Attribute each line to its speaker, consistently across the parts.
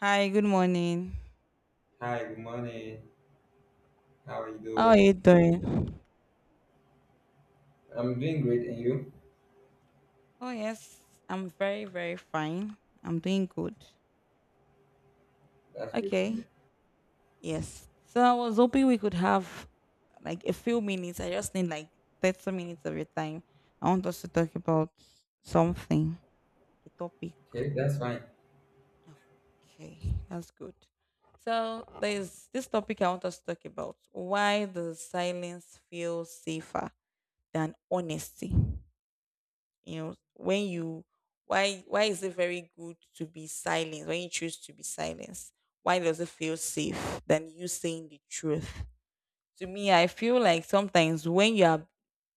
Speaker 1: Hi, good morning.
Speaker 2: Hi, good morning. How are you
Speaker 1: How are you
Speaker 2: doing?
Speaker 1: doing?
Speaker 2: I'm doing great, and you?
Speaker 1: Oh, yes, I'm very, very fine. I'm doing good.
Speaker 2: That's great to
Speaker 1: Okay,
Speaker 2: hear.
Speaker 1: yes. So I was hoping we could have like a few minutes. I just need like 30 minutes of your time. I want us to talk about something, a topic.
Speaker 2: Okay, that's fine.
Speaker 1: Okay, that's good. So there's this topic I want us to talk about. Why does silence feel safer than honesty? You know when you why is it very good to be silenced when you choose to be silenced? Why does it feel safe than you saying the truth? To me, I feel like sometimes when you are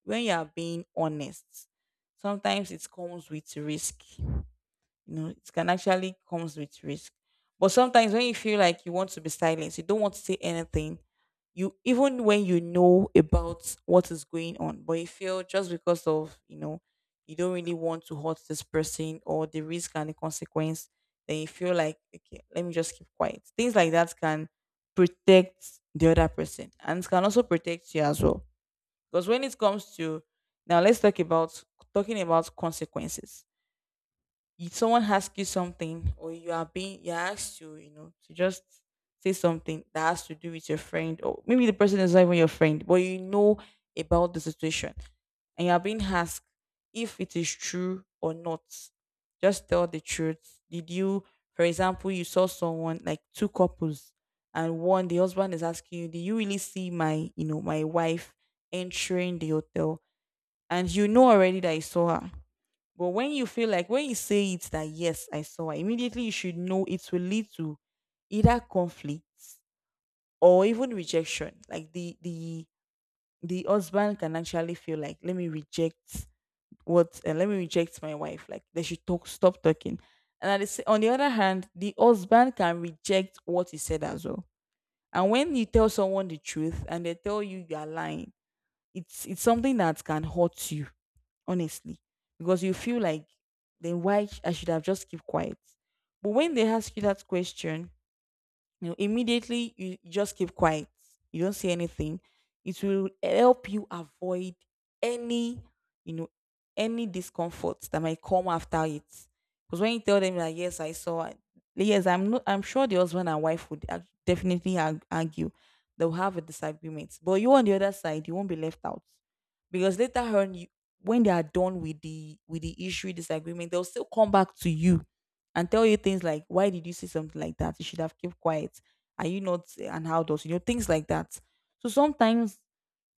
Speaker 1: when you are being honest, sometimes it comes with risk. You know, it can actually comes with risk. But sometimes when you feel like you want to be silent, you don't want to say anything, you even when you know about what is going on, but you feel just because of, you don't really want to hurt this person or the risk and the consequence, then you feel like, okay, let me just keep quiet. Things like that can protect the other person, and it can also protect you as well. Because when it comes to, now let's talk about consequences. If someone asks you something, or you are being you're asked to, you know, to just say something that has to do with your friend, or maybe the person is not even your friend, but you know about the situation, and you are being asked if it is true or not. Just tell the truth. Did you- for example, you saw someone, like, two couples, and one, the husband is asking you, did you really see my, you know, my wife entering the hotel? And you know already that you saw her. But when you feel like, when you say it that yes, I saw her, immediately you should know it will lead to either conflict or even rejection. Like the husband can actually feel like, let me reject what let me reject my wife. Like they should talk stop talking. And at the on the other hand, the husband can reject what he said as well. And when you tell someone the truth and they tell you you are lying, it's something that can hurt you, honestly, because you feel like, then why I should have just keep quiet. But when they ask you that question, you know, immediately you just keep quiet. You don't say anything. It will help you avoid any, you know, any discomfort that might come after it. Because when you tell them that yes, yes, I'm not. I'm sure the husband and wife would definitely argue. They'll have a disagreement. But you on the other side, you won't be left out because later on, you, when they are done with the issue disagreement, they'll still come back to you and tell you things like, why did you say something like that? You should have kept quiet. Are you not an adult? You know, things like that. So sometimes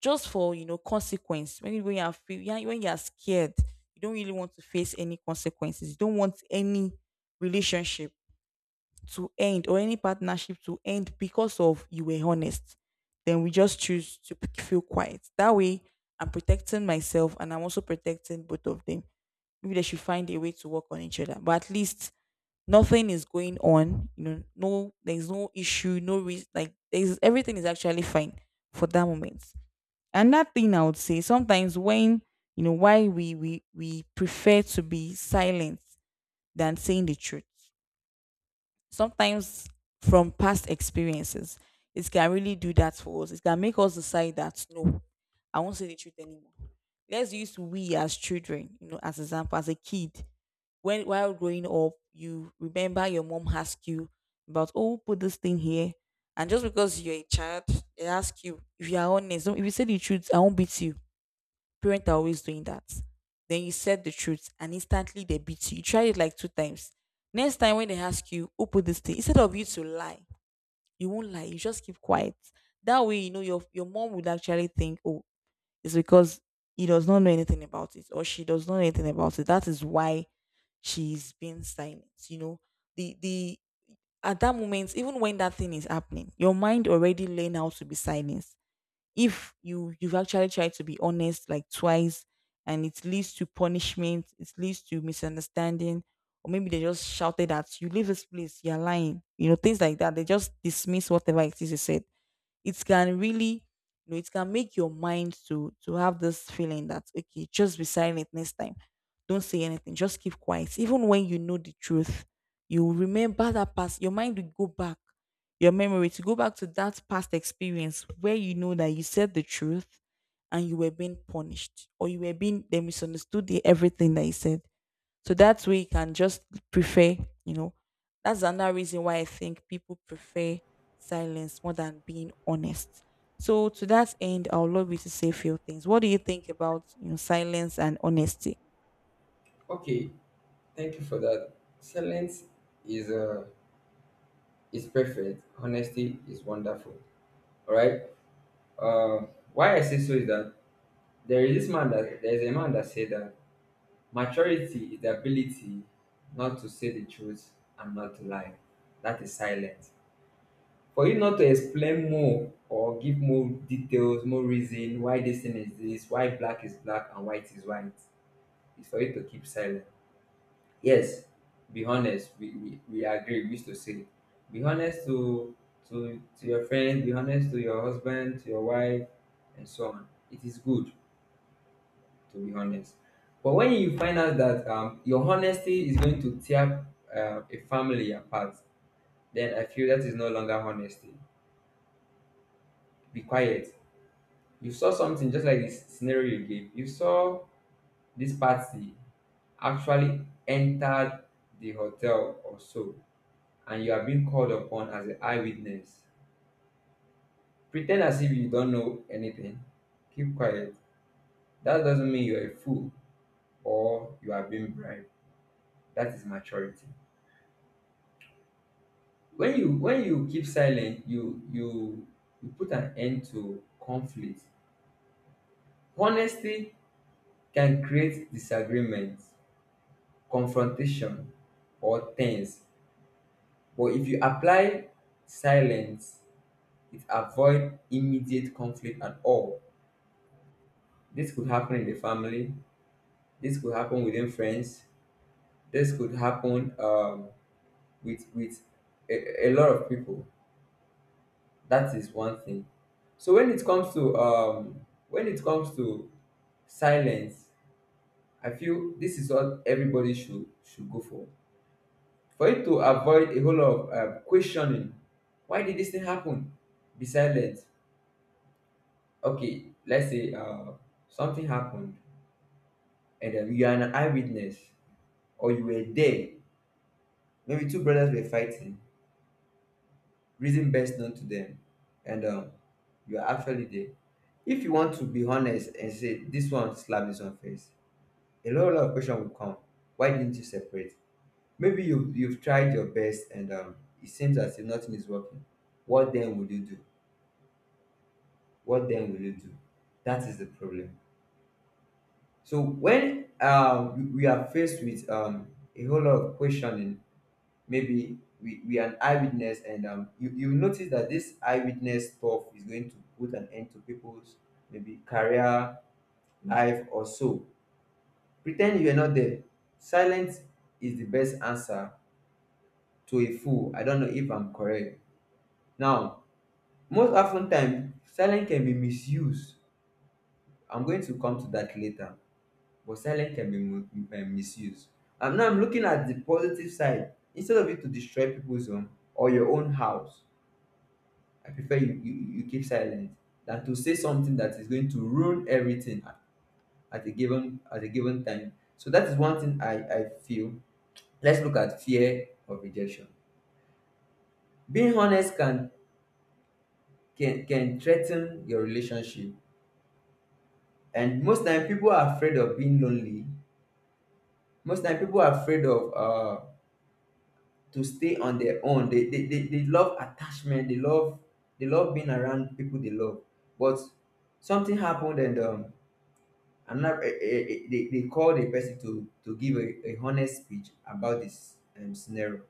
Speaker 1: just for, you know, consequence, when you, yeah, when you are scared, you don't really want to face any consequences. You don't want any relationship to end, or any partnership to end because of you were honest. Then we just choose to feel quiet. That way, I'm protecting myself, and I'm also protecting both of them. Maybe they should find a way to work on each other. But at least nothing is going on. You know, no, there's no issue, no risk. Like, there's, everything is actually fine for that moment. And that thing, I would say, sometimes when, you know, why we prefer to be silent than saying the truth. Sometimes from past experiences, it can really do that for us. It can make us decide that no, I won't say the truth anymore. Let's use we as children, you know, as example, as a kid. When while growing up, you remember your mom asked you about, oh, put this thing here. And just because you're a child, they ask you if you are honest. If you say the truth, I won't beat you. Parents are always doing that. Then you said the truth and instantly they beat you. You tried it like two times. Next time when they ask you who put this thing, instead of you to lie, you won't lie. You just keep quiet. That way, you know your mom would actually think, oh, it's because he does not know anything about it, or she does not know anything about it. That is why she's being silent. You know, the at that moment, even when that thing is happening, your mind already learn how to be silent if you've actually tried to be honest like twice, and it leads to punishment, it leads to misunderstanding, or maybe they just shouted at you, leave this place, you're lying, you know, things like that. They just dismiss whatever it is you said. It can really, you know, it can make your mind to have this feeling that, okay, just be silent next time. Don't say anything, just keep quiet even when you know the truth. You will remember that past, your mind will go back, your memory, to go back to that past experience where you know that you said the truth and you were being punished, or you were being, they misunderstood the, everything that you said. So that way you can just prefer, you know. That's another reason why I think people prefer silence more than being honest. So to that end, I would love you to say a few things. What do you think about, you know, silence and honesty?
Speaker 2: Okay, thank you for that. Silence is uh is perfect. Honesty is wonderful. All right. Uh, why I say so is that there is a man that said that maturity is the ability not to say the truth and not to lie. That is silence. For you not to explain more or give more details, more reason why this thing is this, why black is black and white is white. It's for you to keep silent. Yes, be honest. We agree. We used to say, be honest to your friend, be honest to your husband, to your wife, and so on. It is good to be honest. But when you find out that your honesty is going to tear a family apart, then I feel that is no longer honesty. Be quiet. You saw something just like the scenario you gave. You saw this party actually entered the hotel or so, and you are being called upon as an eyewitness. Pretend as if you don't know anything. Keep quiet. That doesn't mean you're a fool or you are being bribed. That is maturity. When you keep silent, you put an end to conflict. Honesty can create disagreement, confrontation, or tense. But if you apply silence, it avoid immediate conflict at all. This could happen in the family. This could happen within friends. This could happen with a lot of people. That is one thing. So when it comes to silence, I feel this is what everybody should go for. For it to avoid a whole lot of questioning. Why did this thing happen? Be silent. Okay, let's say something happened and you are an eyewitness or you were there. Maybe two brothers were fighting, reason best known to them, and you are actually there. If you want to be honest and say this one slapped this one face, a lot of question will come. Why didn't you separate? Maybe you've tried your best and it seems as if nothing is working. What then will you do? What then will you do? That is the problem. So when we are faced with a whole lot of questioning, maybe we are an eyewitness, and you notice that this eyewitness stuff is going to put an end to people's maybe career, life, or so. Pretend you are not there. Silence is the best answer to a fool. I don't know if I'm correct. Now, most often time, silence can be misused. I'm going to come to that later. But silence can be misused. And now I'm looking at the positive side. Instead of you to destroy people's home or your own house, I prefer you keep silent than to say something that is going to ruin everything at a given time. So that is one thing I feel. Let's look at fear of rejection. Being honest can threaten your relationship, and most time people are afraid of being lonely. Most time people are afraid of to stay on their own. They love attachment. They love being around people they love. But something happened and another they called a person to give a honest speech about this scenario.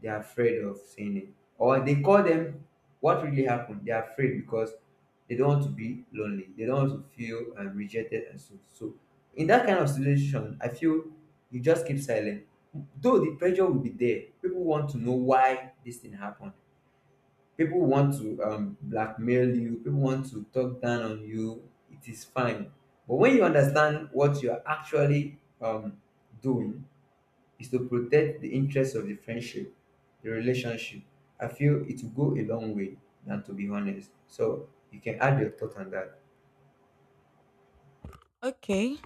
Speaker 2: They're afraid of saying it, or they call them what really happened. They're afraid because they don't want to be lonely. They don't want to feel rejected, and so in that kind of situation, I feel you just keep silent. Though the pressure will be there, people want to know why this thing happened. People want to blackmail you. People want to talk down on you. It is fine. But when you understand what you're actually doing is to protect the interests of the friendship, the relationship. I feel it will go a long way than to be honest. So you can add your thought on that.
Speaker 1: Okay,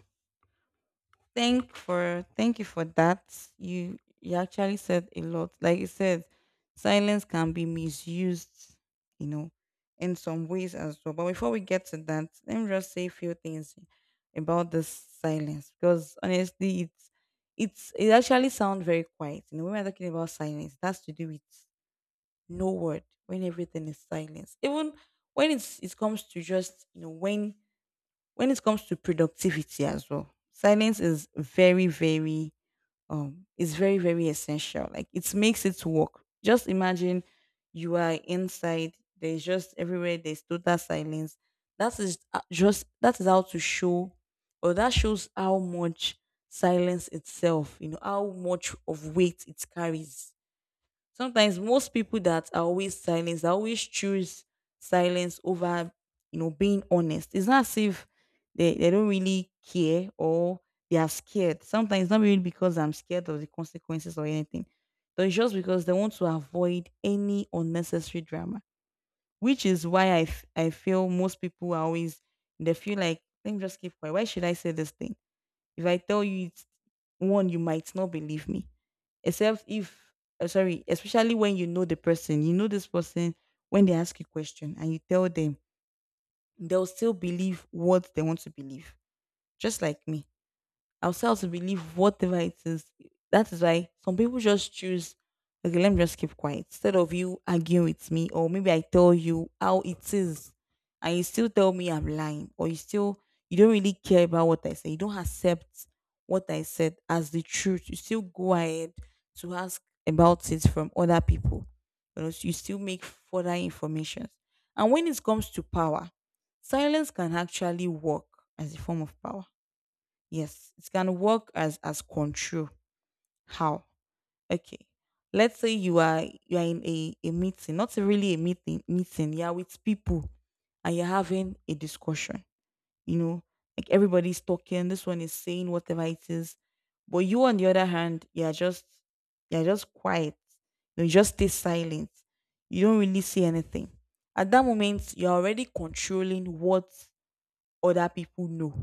Speaker 1: Thank you for that. You actually said a lot. Like you said, silence can be misused, you know, in some ways as well. But before we get to that, let me just say a few things about this silence because, honestly, it's it actually sounds very quiet. You know, when we're talking about silence, it has to do with no word, when everything is silence. Even when it comes to just, you know, when it comes to productivity as well, silence is very, very essential. Like it makes it work. Just imagine you are inside, there's just everywhere, there's total silence. That is how to show, or that shows how much silence itself, you know, how much of weight it carries. Sometimes most people that are always silence, they always choose silence over, you know, being honest. It's not as if they don't really care or they are scared. Sometimes it's not really because I'm scared of the consequences or anything. But it's just because they want to avoid any unnecessary drama. Which is why I, I feel most people are always, they feel like, let me just keep quiet. Why should I say this thing? If I tell you it's one, you might not believe me except if, sorry especially when you know the person, you know this person, when they ask you question and you tell them, they'll still believe what they want to believe, just like me, ourselves to believe whatever it is. That is why some people just choose, okay, let me just keep quiet instead of you arguing with me, or maybe I tell you how it is, and you still tell me I'm lying, or you still, you don't really care about what I say, you don't accept what I said as the truth. You still go ahead to ask about it from other people. You know, so you still make further information. And when it comes to power, silence can actually work as a form of power. Yes, it can work as control. How? Okay. Let's say you are in a meeting, not really a meeting meeting, you're with people and you're having a discussion, you know, like everybody's talking, this one is saying whatever it is. But you on the other hand, you're just quiet. You just stay silent. You don't really say anything. At that moment, you're already controlling what other people know,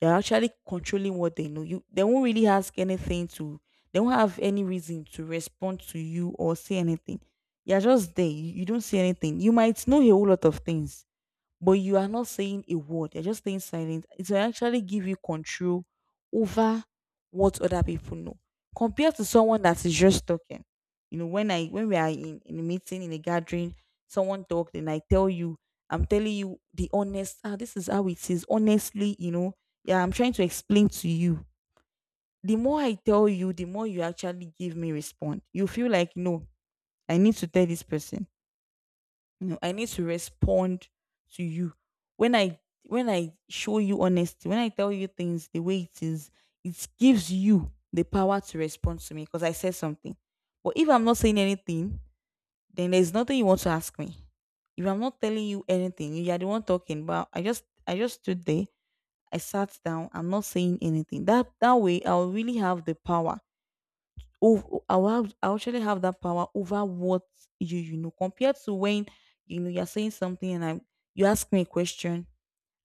Speaker 1: they're actually controlling what they know. You, they won't really ask anything to, they won't have any reason to respond to you or say anything. You're just there. You don't see anything. You might know a whole lot of things, but you are not saying a word, you're just staying silent. It will actually give you control over what other people know. Compared to someone that is just talking. You know, when I when we are in a meeting, in a gathering, someone talked and I tell you, I'm telling you the honest, this is how it is. Honestly, you know, yeah, I'm trying to explain to you. The more I tell you, the more you actually give me respond. You feel like, no, I need to tell this person, you know, I need to respond to you. When I when I show you honesty, when I tell you things the way it is, it gives you the power to respond to me because I said something. But if I'm not saying anything, then there's nothing you want to ask me. If I'm not telling you anything, you are the one talking. But I just stood there. I sat down. I'm not saying anything. That way, I'll really have the power. Oh, I actually have that power over what you know compared to when, you know, you're saying something and I you ask me a question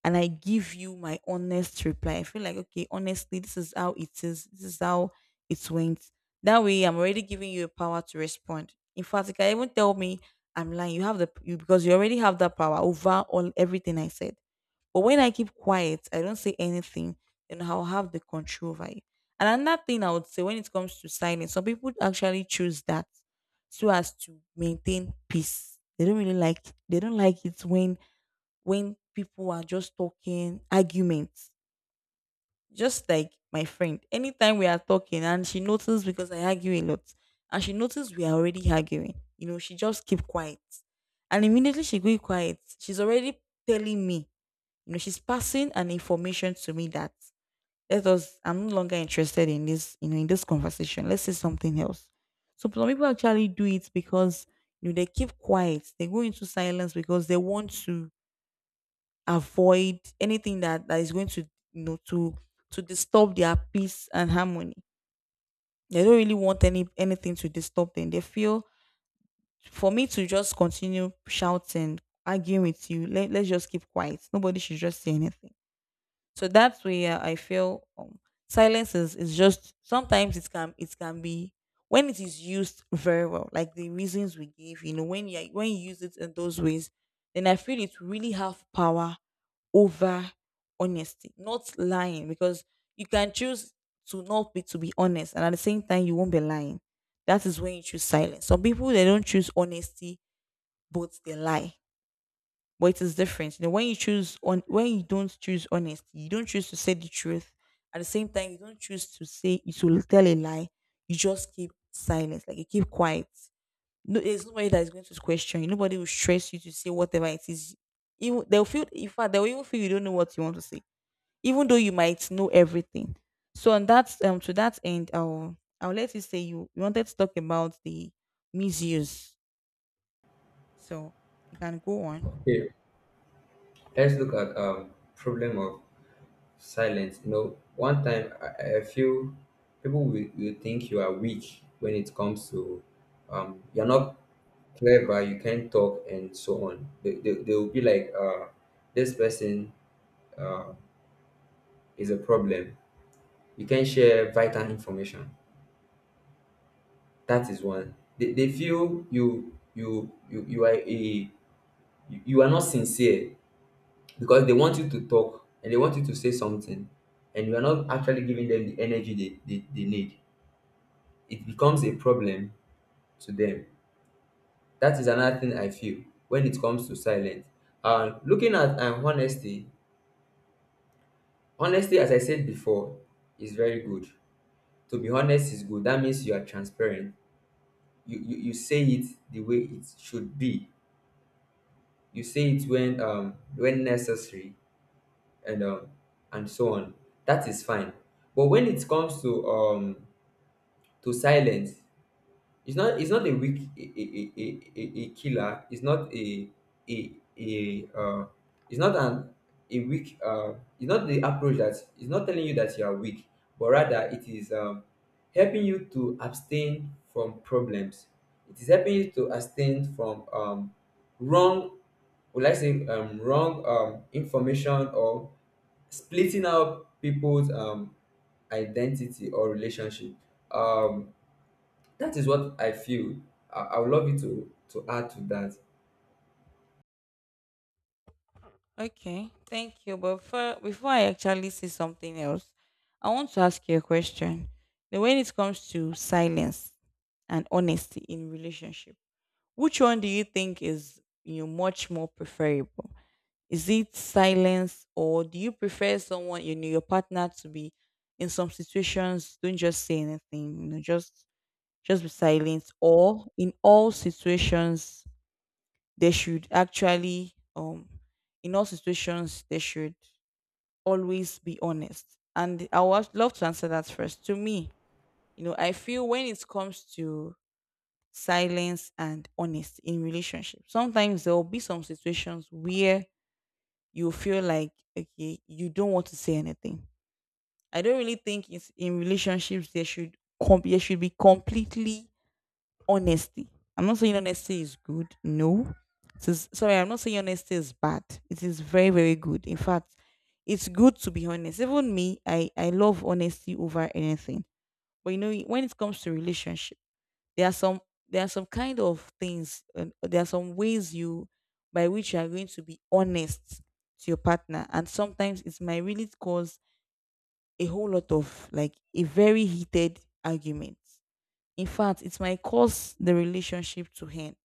Speaker 1: and I give you my honest reply. I feel like, okay, honestly, this is how it is. This is how it went. That way, I'm already giving you a power to respond. In fact, you can even tell me I'm lying. You have the you because you already have that power over all everything I said. But when I keep quiet, I don't say anything, then I'll have the control over it. And another thing I would say, when it comes to silence, some people actually choose that so as to maintain peace. They don't like it when people are just talking arguments. Just like my friend, anytime we are talking and she notices, because I argue a lot, and she notices we are already arguing, you know, she just keep quiet, and immediately she go quiet. She's already telling me, you know, she's passing an information to me that, let us I'm no longer interested in this, you know, in this conversation. Let's say something else. So some people actually do it because, you know, they keep quiet, they go into silence because they want to avoid anything that is going to, you know, to disturb their peace and harmony. They don't really want anything to disturb them. They feel, for me to just continue shouting, arguing with you, let's just keep quiet. Nobody should just say anything. So that's where I feel silence is just sometimes it can be, when it is used very well, like the reasons we gave, you know, when you use it in those ways, then I feel it really have power over honesty, not lying, because you can choose to not be to be honest, and at the same time you won't be lying. That is when you choose silence. Some people they don't choose honesty, but they lie, but it is different. You know, when you don't choose honesty, you don't choose to say the truth. At the same time, you don't choose to tell a lie. You just keep silence, like you keep quiet. No, there's nobody that is going to question you. Nobody will stress you to say whatever it is. Even they'll feel, in fact, they'll even feel you don't know what you want to say, even though you might know everything. So, on that, to that end, I'll let you say, you wanted to talk about the misuse. So you can go on.
Speaker 2: Okay, let's look at problem of silence. You know, one time I feel people will think you are weak when it comes to you're not clever, you can't talk, and so on. They will be like, this person, uh is a problem. You can not share vital information. That is one. They feel you are not sincere, because they want you to talk and they want you to say something, and you are not actually giving them the energy they need. It becomes a problem to them. That is another thing I feel when it comes to silence. Looking at honesty, honesty, as I said before, is very good. To be honest is good. That means you are transparent. You say it the way it should be. You say it when necessary, and um and so on. That is fine. But when it comes to silence, it's not a killer. It's not a a, a it's not an a weak it's not the approach. That It's not telling you that you are weak, but rather it is helping you to abstain from problems. It is helping you to abstain from wrong, would I say wrong information, or splitting out people's identity or relationship. um, that is what I feel. I would love you to add to that.
Speaker 1: Okay, thank you. But before I actually say something else, I want to ask you a question. Now, when it comes to silence and honesty in relationship, which one do you think is, you know, much more preferable? Is it silence, or do you prefer someone, you know, your partner to be, in some situations, don't just say anything, you know, just be silent, or in all situations they should actually in all situations they should always be honest. And I would love to answer that first. To me, you know, I feel when it comes to silence and honest in relationships, sometimes there will be some situations where you feel like, okay, you don't want to say anything. I don't really think it's, in relationships there should there should be completely honesty. I'm not saying honesty is good. No. It is, sorry, I'm not saying honesty is bad. It is very, very good. In fact, it's good to be honest. Even me, I love honesty over anything. But you know, when it comes to relationship, there are some there are some kind of things, and there are some ways you by which you are going to be honest to your partner, and sometimes it might really cause a whole lot of, like, a very heated argument. In fact, it might cause the relationship to end.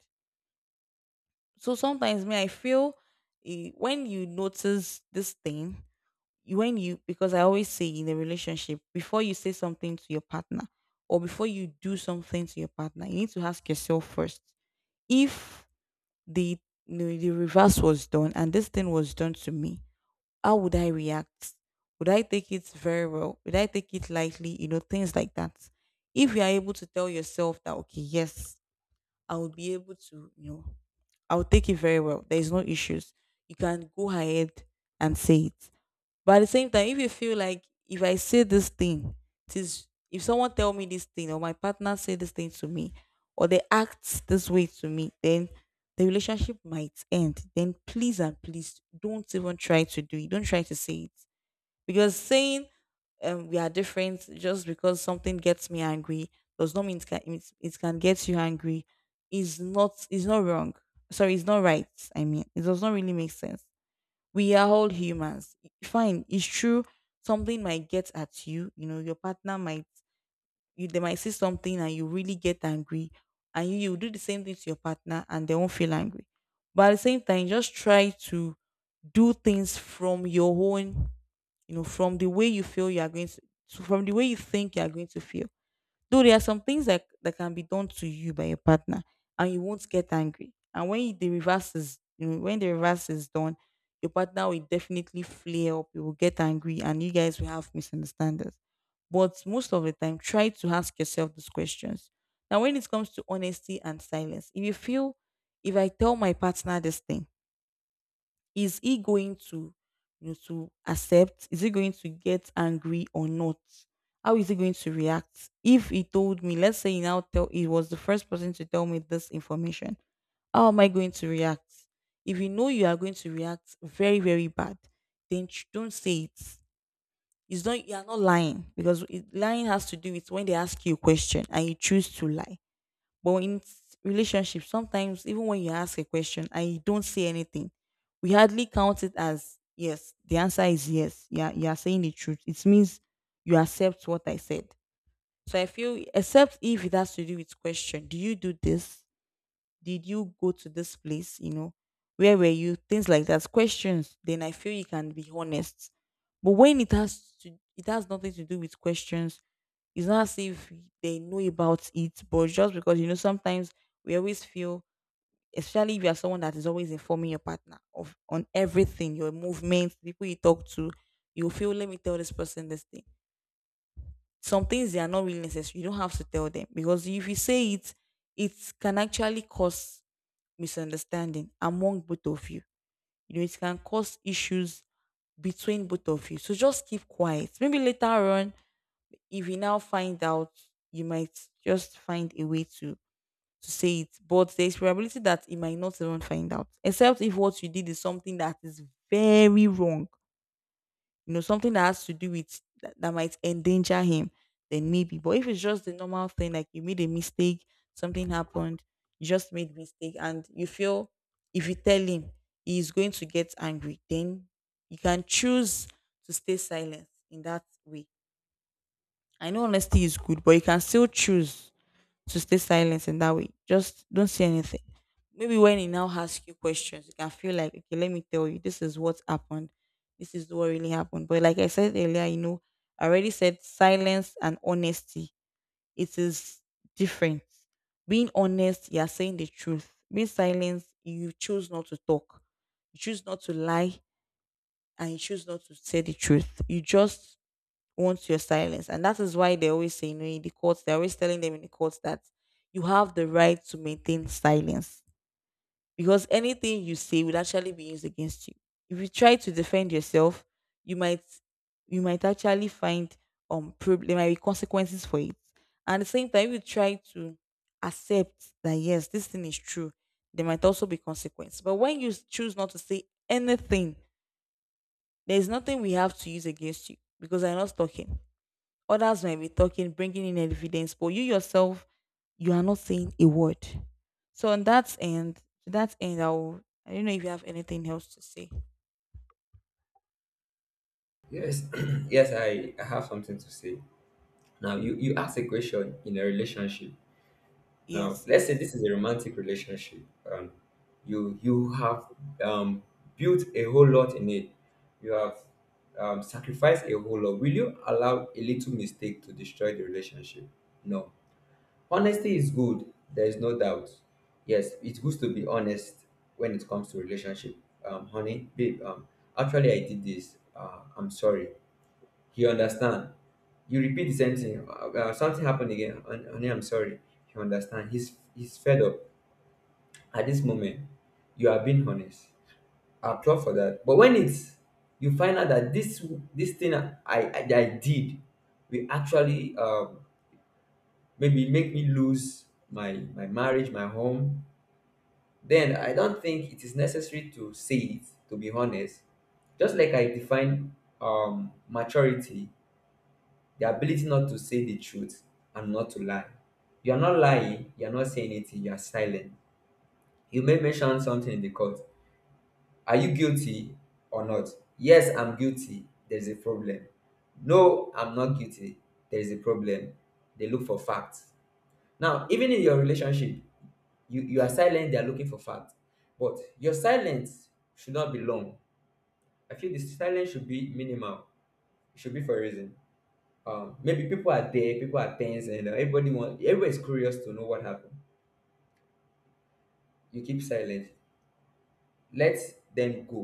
Speaker 1: So sometimes me I feel, when you notice this thing, you- when you because I always say, in a relationship, before you say something to your partner or before you do something to your partner, you need to ask yourself first, if the no, the reverse was done and this thing was done to me, how would I react? Would I take it very well? Would I take it lightly? You know, things like that. If you are able to tell yourself that, okay, yes, I will be able to, you know, I'll take it very well. There is no issues. You can go ahead and say it. But at the same time, if you feel like, if I say this thing, it is if someone tell me this thing, or my partner say this thing to me, or they act this way to me, then the relationship might end. Then please and please don't even try to do it. Don't try to say it, because saying we are different, just because something gets me angry does not mean it, it can get you angry. Is not wrong. Sorry, it's not right. I mean, it does not really make sense, we are all humans. Fine, it's true. Something might get at you. You know, your partner might, you they might say something and you really get angry, and you do the same thing to your partner and they won't feel angry. But at the same time, just try to do things from your own, you know, from the way you feel you are going to, from the way you think you are going to feel. Though there are some things that can be done to you by your partner and you won't get angry. And when the reverse is, you know, when the reverse is done, your partner will definitely flare up, you will get angry, and you guys will have misunderstandings. But most of the time, try to ask yourself these questions. Now, when it comes to honesty and silence, if you feel, if I tell my partner this thing, is he going to, you know, to accept? Is he going to get angry or not? How is he going to react? If he told me, let's say he now tell he was the first person to tell me this information, how am I going to react? If you know you are going to react very, very bad, then don't say it. It's not, you are not lying, because lying has to do with when they ask you a question and you choose to lie, but in relationships, sometimes even when you ask a question and you don't say anything, we hardly count it as yes. The answer is yes. Yeah, you are saying the truth. It means you accept what I said. So I feel, except if it has to do with question, do you do this? Did you go to this place? You know, where were you? Things like that. Questions. Then I feel you can be honest. But when it has to, it has nothing to do with questions. It's not as if they know about it, but just because, you know, sometimes we always feel, especially if you are someone that is always informing your partner of on everything, your movements, the people you talk to, you feel, let me tell this person this thing. Some things they are not really necessary. You don't have to tell them, because if you say it, it can actually cause misunderstanding among both of you. You know, it can cause issues between both of you. So just keep quiet. Maybe later on, if you now find out, you might just find a way to say it. But there's probability that you might not even find out. Except if what you did is something that is very wrong, you know, something that has to do with that might endanger him, then maybe. But if it's just the normal thing, like you made a mistake, something happened, you just made mistake, and you feel if you tell him he's going to get angry, then you can choose to stay silent in that way. I know honesty is good, but you can still choose to stay silent in that way. Just don't say anything. Maybe when he now asks you questions, you can feel like, okay, let me tell you, this is what happened. This is what really happened. But like I said earlier, you know, I already said silence and honesty. It is different. Being honest, you are saying the truth. Being silent, you choose not to talk. You choose not to lie, and you choose not to say the truth. You just wants your silence. And that is why they always say, you know, in the courts, they're always telling them in the courts that you have the right to maintain silence, because anything you say will actually be used against you. If you try to defend yourself, you might you might actually find there might be consequences for it. And at the same time, if you try to accept that yes, this thing is true, there might also be consequences. But when you choose not to say anything, there is nothing we have to use against you, because I'm not talking. Others might be talking, bringing in evidence, but you yourself, you are not saying a word. So on that end, to that end, I'll, I don't know if you have anything else to say.
Speaker 2: Yes, yes, I have something to say. Now, you ask a question in a relationship. Now,
Speaker 1: Yes,
Speaker 2: let's say
Speaker 1: yes.
Speaker 2: this is a romantic relationship. Um, you have um, built a whole lot in it. You have sacrificed a whole lot. Will you allow a little mistake to destroy the relationship? No. Honesty is good. There is no doubt. Yes, it's good to be honest when it comes to relationship. Honey, babe, actually I did this. I'm sorry. He understand. You repeat the same thing. Something happened again. Honey, I'm sorry. He understand. He's fed up. At this moment, you are being honest. I applaud for that. But when it's you find out that this thing I did will actually maybe make me lose my marriage, my home. Then I don't think it is necessary to say it, to be honest. Just like I define maturity, the ability not to say the truth and not to lie. You are not lying, you are not saying anything, you are silent. You may mention something in the court. Are you guilty or not? Yes, I'm guilty. There's a problem. No, I'm not guilty. There is a problem. They look for facts. Now, even in your relationship, you are silent. They are looking for facts, but your silence should not be long. I feel the silence should be minimal. It should be for a reason. Maybe people are there, people are tense, and everybody's curious to know what happened. You keep silent. Let them go.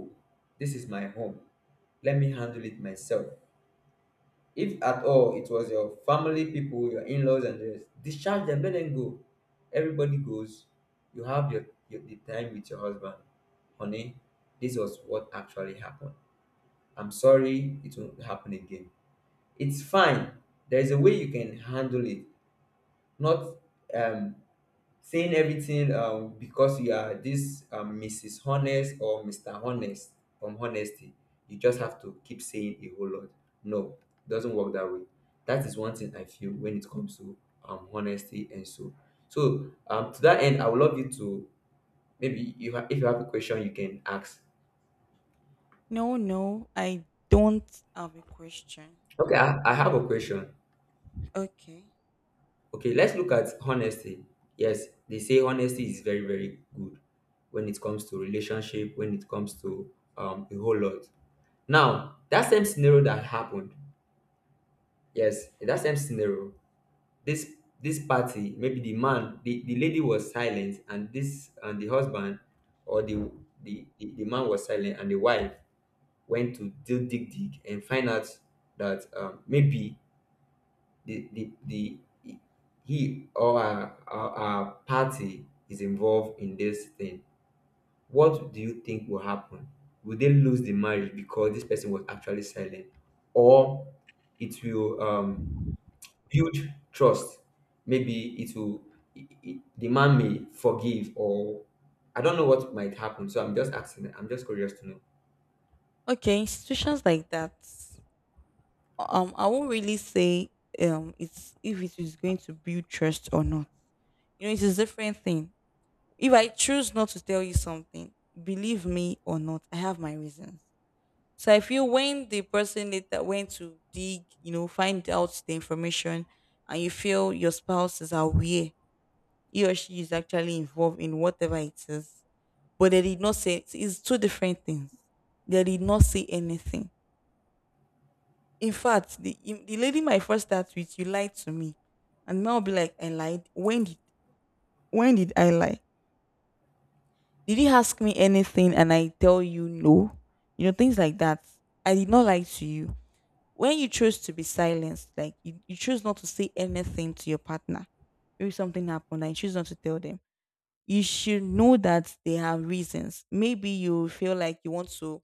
Speaker 2: This is my home. Let me handle it myself. If at all it was your family people, your in-laws and the rest, discharge them, let them go. Everybody goes. You have your the time with your husband. Honey, this was what actually happened. I'm sorry it won't happen again. It's fine. There is a way you can handle it. Not um saying everything, because you are this, Mrs. Honest or Mr. Honest, from Honesty. You just have to keep saying a whole lot. No, it doesn't work that way. That is one thing I feel when it comes to honesty and so. So, to that end, I would love you to, maybe if you have a question, you can ask.
Speaker 1: No, I don't have a question.
Speaker 2: Okay, I have a question.
Speaker 1: Okay.
Speaker 2: Okay, let's look at honesty. Yes, they say honesty is very, very good when it comes to relationship, when it comes to a whole lot. Now, that same scenario that happened, yes, in that same scenario, this this party, maybe the man, the lady was silent, and this and the husband, or the man was silent, and the wife went to dig and find out that maybe the he, or our party is involved in this thing. What do you think will happen? Will they lose the marriage because this person was actually silent, or it will build trust? Maybe it will I- the man may forgive, or I don't know what might happen. So I'm just asking. I'm just curious to know.
Speaker 1: Okay, institutions like that. I won't really say it's if it is going to build trust or not. You know, it's a different thing. If I choose not to tell you something, believe me or not, I have my reasons. So I feel when the person later went to dig, you know, find out the information, and you feel your spouse is aware, he or she is actually involved in whatever it is, but they did not say it's two different things. They did not say anything. In fact, the lady might first start with you lied to me, and I'll be like, I lied. When did I lie? Did you ask me anything and I tell you no? You know, things like that. I did not lie to you when you choose to be silenced, like you chose not to say anything to your partner, maybe something happened and you choose not to tell them, you should know that they have reasons. Maybe you feel like you want to,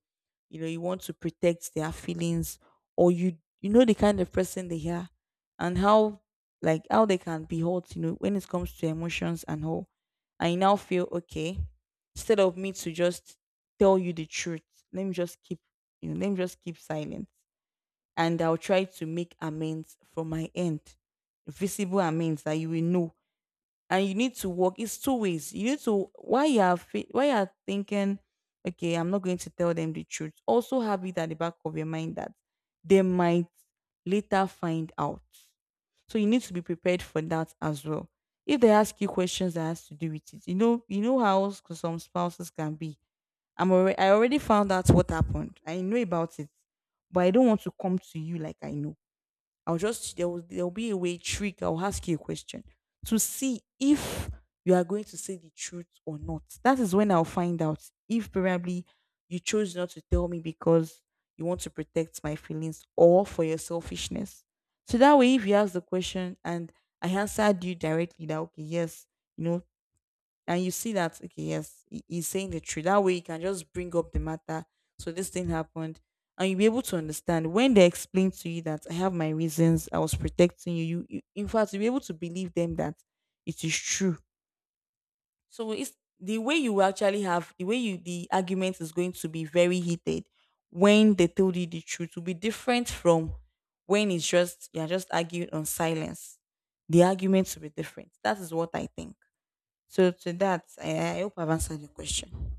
Speaker 1: you know, you want to protect their feelings, or you know the kind of person they are and how, like how they can be hurt, you know, when it comes to emotions and all. I now feel okay, instead of me to just tell you the truth, let me just keep, you know, let me just keep silent, and I'll try to make amends from my end. Visible amends that you will know. And you need to work. It's two ways. You need to, while you are thinking, okay, I'm not going to tell them the truth. Also have it at the back of your mind that they might later find out. So you need to be prepared for that as well. If they ask you questions that has to do with it, you know how some spouses can be, I already found out what happened. I know about it, but I don't want to come to you like I know. I'll just, there will be a way, trick. I'll ask you a question to see if you are going to say the truth or not. That is when I'll find out if probably you chose not to tell me because you want to protect my feelings or for your selfishness. So that way, if you ask the question and I answered you directly that okay, yes, you know, and you see that okay, yes, he's saying the truth, that way you can just bring up the matter, so this thing happened, and you'll be able to understand when they explain to you that I have my reasons, I was protecting you, you in fact you'll be able to believe them that it is true. So it's the way you actually have, the way you, the argument is going to be very heated when they told you the truth will be different from when it's just you're just arguing on silence. The arguments will be different. That is what I think. So to that, I hope I've answered your question.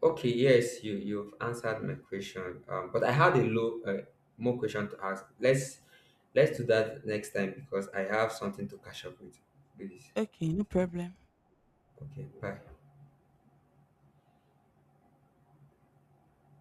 Speaker 2: Okay, yes, you've answered my question. But I had a low more question to ask. Let's do that next time because I have something to catch up with. Please.
Speaker 1: Okay, no problem.
Speaker 2: Okay. Bye.